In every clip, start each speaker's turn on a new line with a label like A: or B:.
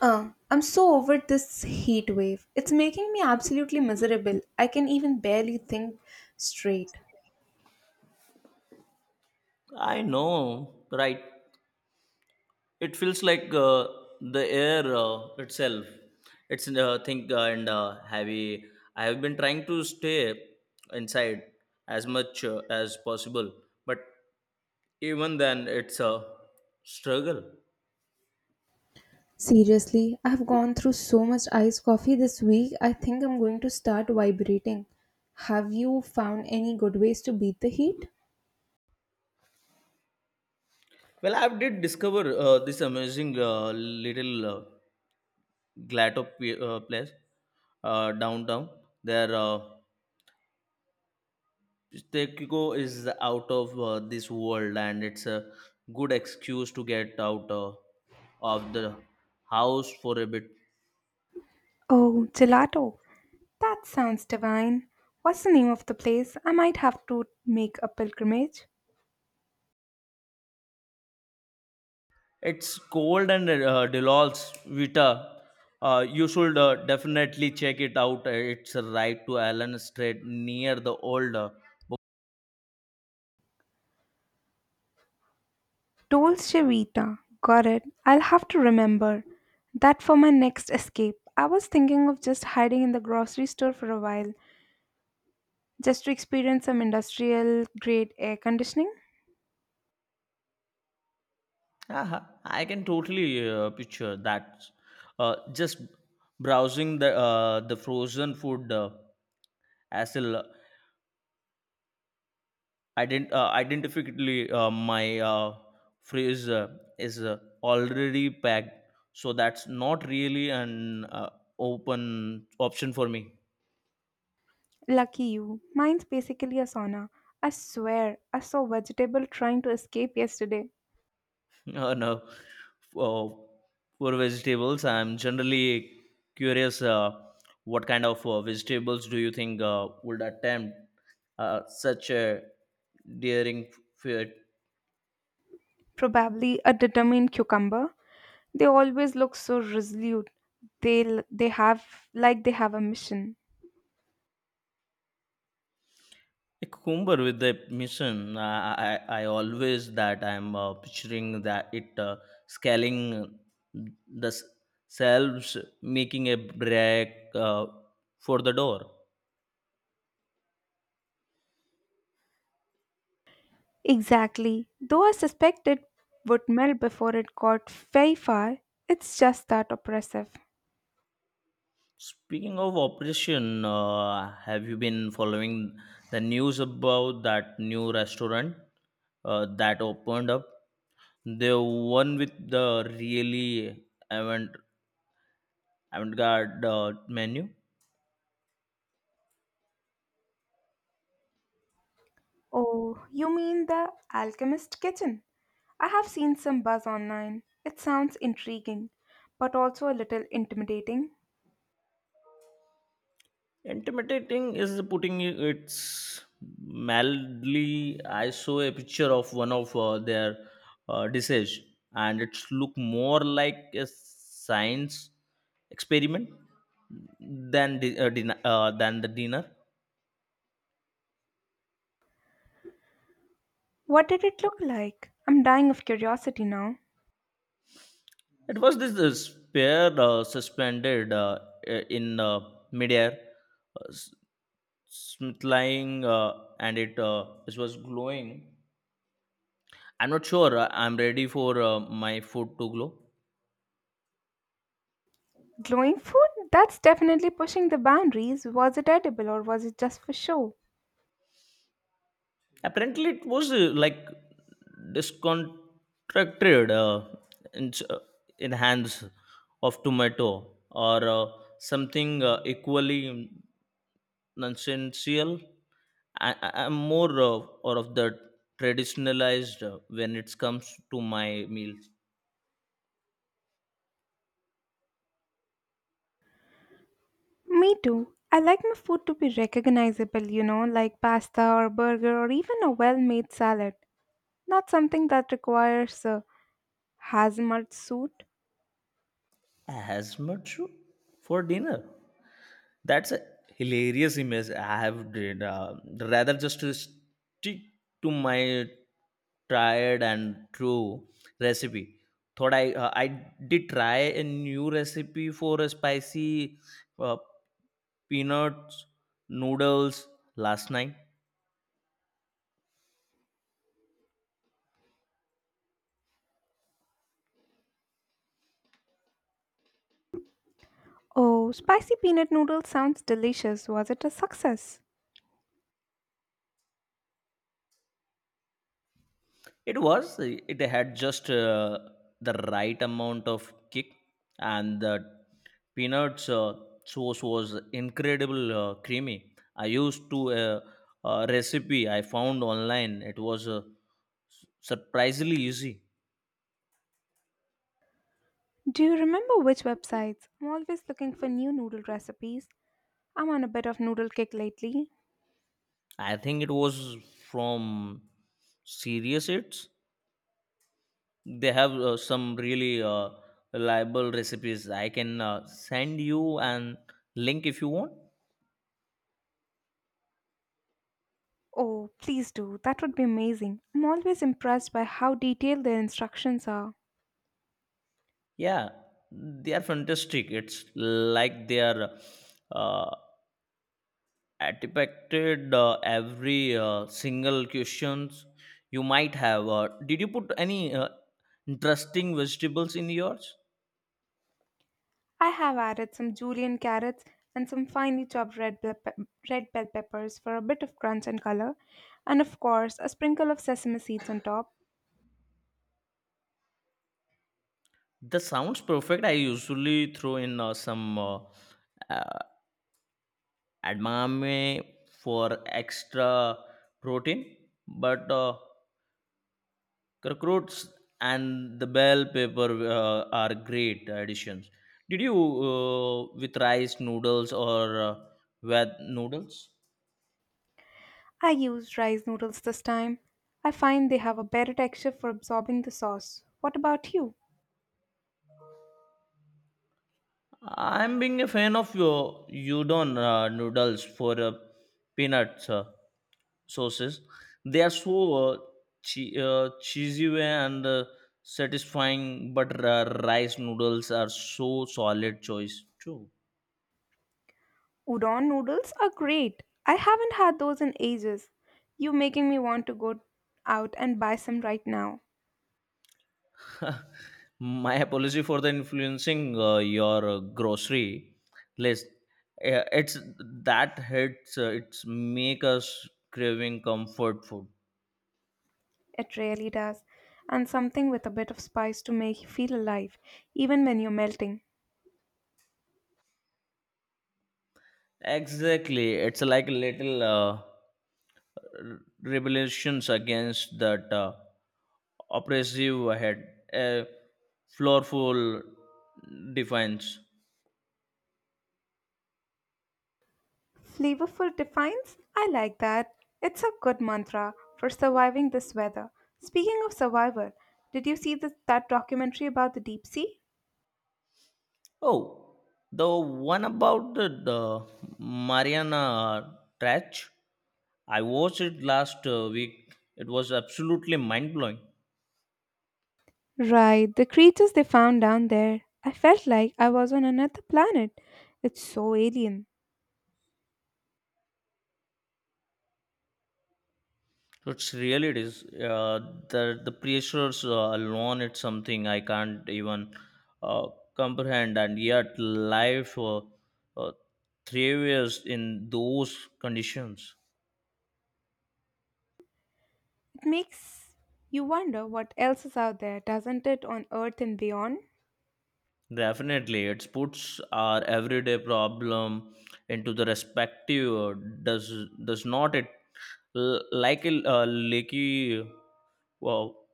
A: I'm so over this heat wave. It's making me absolutely miserable. I can even barely think straight.
B: I know, right? It feels like the air itself. It's think and heavy. I have been trying to stay inside as much as possible, but even then, it's a struggle.
A: Seriously, I've gone through so much iced coffee this week, I think I'm going to start vibrating. Have you found any good ways to beat the heat?
B: Well, I did discover this amazing little place downtown. There. Tekkiko is out of this world, and it's a good excuse to get out of the house for a bit.
A: Oh, gelato. That sounds divine. What's the name of the place? I might have to make a pilgrimage.
B: It's cold and Delos Vita. You should definitely check it out. It's right to Allen Street near the old.
A: Dolce Vita. Got it. I'll have to remember that for my next escape. I was thinking of just hiding in the grocery store for a while, just to experience some industrial grade air conditioning.
B: Haha, I can totally picture that. Just browsing the frozen food aisle identifically my phrase is already packed, so that's not really an open option for me.
A: Lucky you. Mine's basically a sauna. I swear, I saw vegetable trying to escape yesterday.
B: No, uh, for vegetables, I'm generally curious what kind of vegetables do you think would attempt such a daring feat.
A: Probably a determined cucumber. They always look so resolute. They have like they have a mission.
B: Cucumber with the mission. I always that I'm picturing that it scaling the s- selves, making a break for the door.
A: Exactly. Though I suspect it would melt before it got very far, it's just that oppressive.
B: Speaking of operation, have you been following the news about that new restaurant that opened up? The one with the really avant-garde menu.
A: Oh, you mean the Alchemist Kitchen? I have seen some buzz online. It sounds intriguing, but also a little intimidating.
B: Intimidating is putting it's mildly. I saw a picture of one of their dishes, and it looked more like a science experiment than the dinner.
A: What did it look like? I'm dying of curiosity now.
B: It was this spear suspended uh, in, midair, uh, s- smith, uh, and it was glowing. I'm not sure. I'm ready for my food to glow.
A: Glowing food? That's definitely pushing the boundaries. Was it edible or was it just for show?
B: Apparently it was like discontracted in, uh, in hands of tomato or something equally nonsensical. I'm more of, or of the traditionalized when it comes to my meals
A: Me too. I like my food to be recognizable, you know, like pasta or burger or even a well made salad, not something that requires a hazmat suit.
B: as much for dinner. That's a hilarious image I have did. Rather just to stick to my tried and true recipe. Thought I did try a new recipe for a spicy uh, peanuts noodles last night.
A: Oh, spicy peanut noodle sounds delicious. Was it a success?
B: It was. It had just the right amount of kick, and the peanuts sauce was incredible creamy. I used to a recipe I found online. It was surprisingly easy.
A: Do you remember which websites? I'm always looking for new noodle recipes. I'm on a bit of noodle kick lately.
B: I think it was from Serious Eats. They have some really reliable recipes. I can send you an link if you want.
A: Oh, please do. That would be amazing. I'm always impressed by how detailed the instructions are.
B: Yeah, they are fantastic. It's like they are uh, attempted every single questions you might have. Did you put any interesting vegetables in yours?
A: I have added some julienne carrots and some finely chopped red bell peppers for a bit of crunch and color, and of course, a sprinkle of sesame seeds on top.
B: That sounds perfect. I usually throw in some uh, edamame for extra protein, but. Cockroaches and the bell pepper are great additions. Did you with rice noodles or with noodles?
A: I used rice noodles this time. I find they have a better texture for absorbing the sauce. What about you?
B: I'm being a fan of your udon noodles for peanuts sauces. They are so uh, cheesy way and satisfying, but rice noodles are so solid choice too.
A: Udon noodles are great. I haven't had those in ages. You making me want to go out and buy some right now.
B: My apology for the influencing your grocery list. It's that hits. It's make us craving comfort food.
A: It really does. And something with a bit of spice to make you feel alive, even when you're melting.
B: Exactly. It's like a little rebellions against that oppressive head. A floorful defense.
A: Flavorful defines? I like that. It's a good mantra for surviving this weather. Speaking of survival, did you see that documentary about the deep sea?
B: Oh, the one about the Mariana Trench. I watched it last week. It was absolutely mind blowing.
A: Right, the creatures they found down there. I felt like I was on another planet. It's so alien.
B: It's really it is. The pressures alone, it's something I can't even uh, comprehend. And yet, life uh, thrives in those conditions.
A: It makes you wonder what else is out there, doesn't it, on Earth and beyond?
B: Definitely, it puts our everyday problem into the respective, does does not it like a leaky well,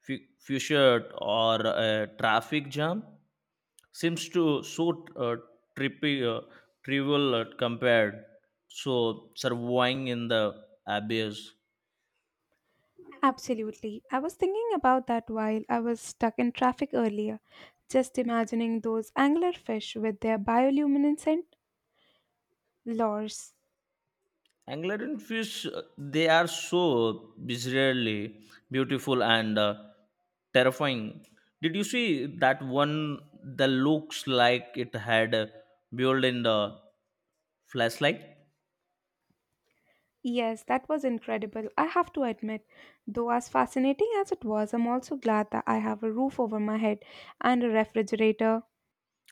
B: fused, or a traffic jam, seems to so trippy trivial compared so surviving in the abyss.
A: Absolutely. I was thinking about that while I was stuck in traffic earlier. Just imagining those anglerfish with their bioluminescent Lors.
B: Anglerfish, they are so bizarrely beautiful and terrifying. Did you see that one that looks like it had built in the flashlight?
A: Yes, that was incredible. I have to admit, though, as fascinating as it was, I'm also glad that I have a roof over my head and a refrigerator.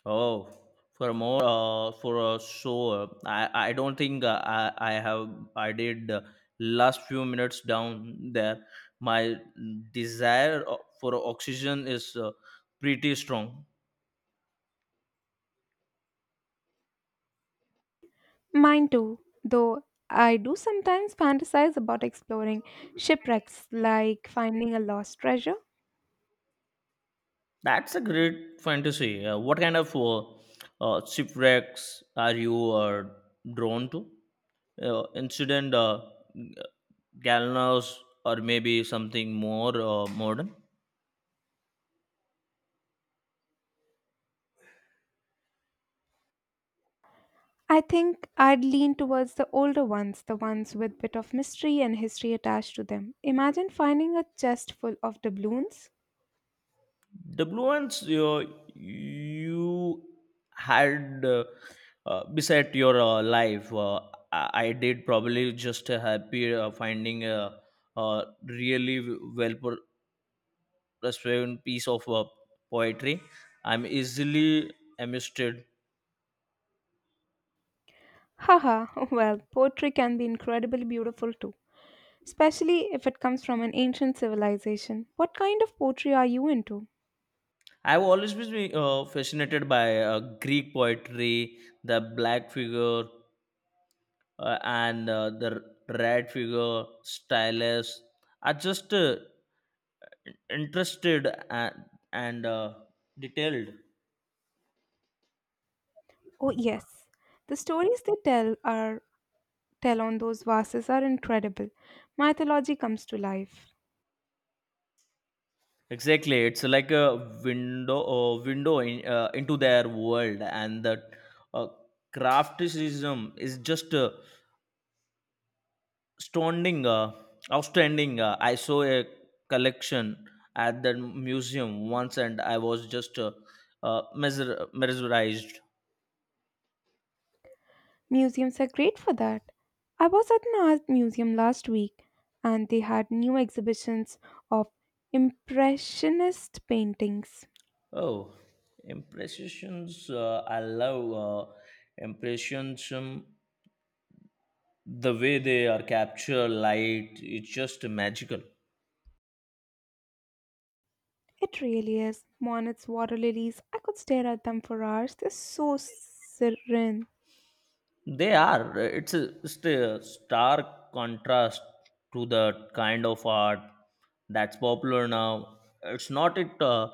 B: Oh, for more, for so I don't think I have I did last few minutes down there. My desire for oxygen is pretty strong.
A: Mine too, though I do sometimes fantasize about exploring shipwrecks, like finding a lost treasure.
B: That's a great fantasy. What kind of shipwrecks are you drawn to? Incident, g- gallows, or maybe something more modern?
A: I think I'd lean towards the older ones, the ones with bit of mystery and history attached to them. Imagine finding a chest full of doubloons.
B: WNs you had beside your life. I did probably just happy finding a really well restrained piece of poetry. I'm easily amused.
A: Haha, well, poetry can be incredibly beautiful too, especially if it comes from an ancient civilization. What kind of poetry are you into?
B: I've always been fascinated by Greek poetry, the black figure and the red figure, stylus. I just interested and detailed.
A: Oh yes, the stories they tell are tell on those vases are incredible. Mythology comes to life.
B: Exactly, it's like a window in, into their world, and the uh, crafticism is just Standing, uh, outstanding. I saw a collection at the museum once, and I was just mesmerized.
A: Museums are great for that. I was at an art museum last week and they had new exhibitions of impressionist paintings.
B: Oh, impressions! I love impressions. The way they are capture light, it's just magical.
A: It really is. Monets, water lilies. I could stare at them for hours. They're so serene.
B: They are. It's a stark contrast to the kind of art that's popular now. It's not it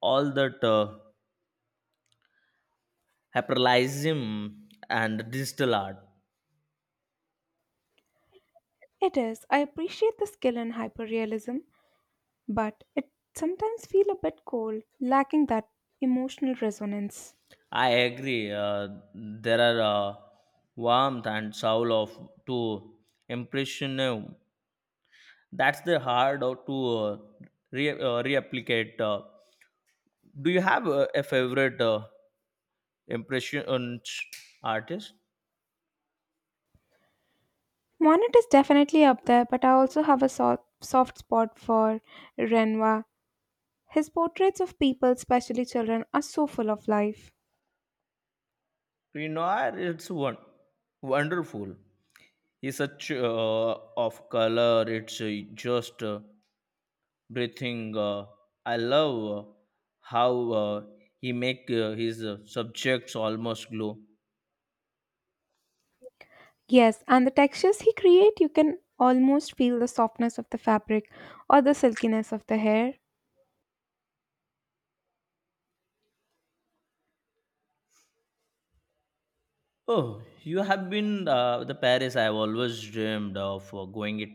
B: all that. Hyperrealism and digital art.
A: It is. I appreciate the skill and hyperrealism, but it sometimes feel a bit cold, lacking that emotional resonance.
B: I agree, there are warmth and soul of to impressionism. That's the hard out to replicate. Do you have a favorite impression artist?
A: Monet is definitely up there, but I also have a soft spot for Renoir. His portraits of people, especially children, are so full of life.
B: Renoir, it's one wonderful. He's such of color, it's just breathing. I love how he make his subjects almost glow.
A: Yes, and the textures he create, you can almost feel the softness of the fabric or the silkiness of the hair.
B: Oh, you have been the Paris I have always dreamed of going. It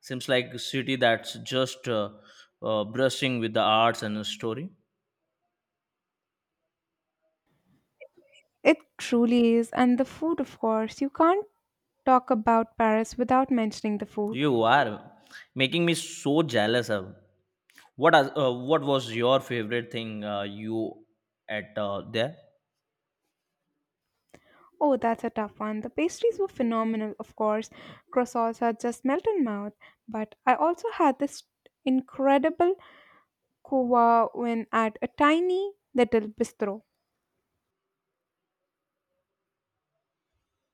B: seems like a city that's just brushing with the arts and the story.
A: It truly is, and the food, of course. You can't talk about Paris without mentioning the food.
B: You are making me so jealous. Of what? Are, what was your favorite thing you at there?
A: Oh, that's a tough one. The pastries were phenomenal, of course. Croissants are just melt in mouth. But I also had this incredible kuwa when at a tiny little bistro.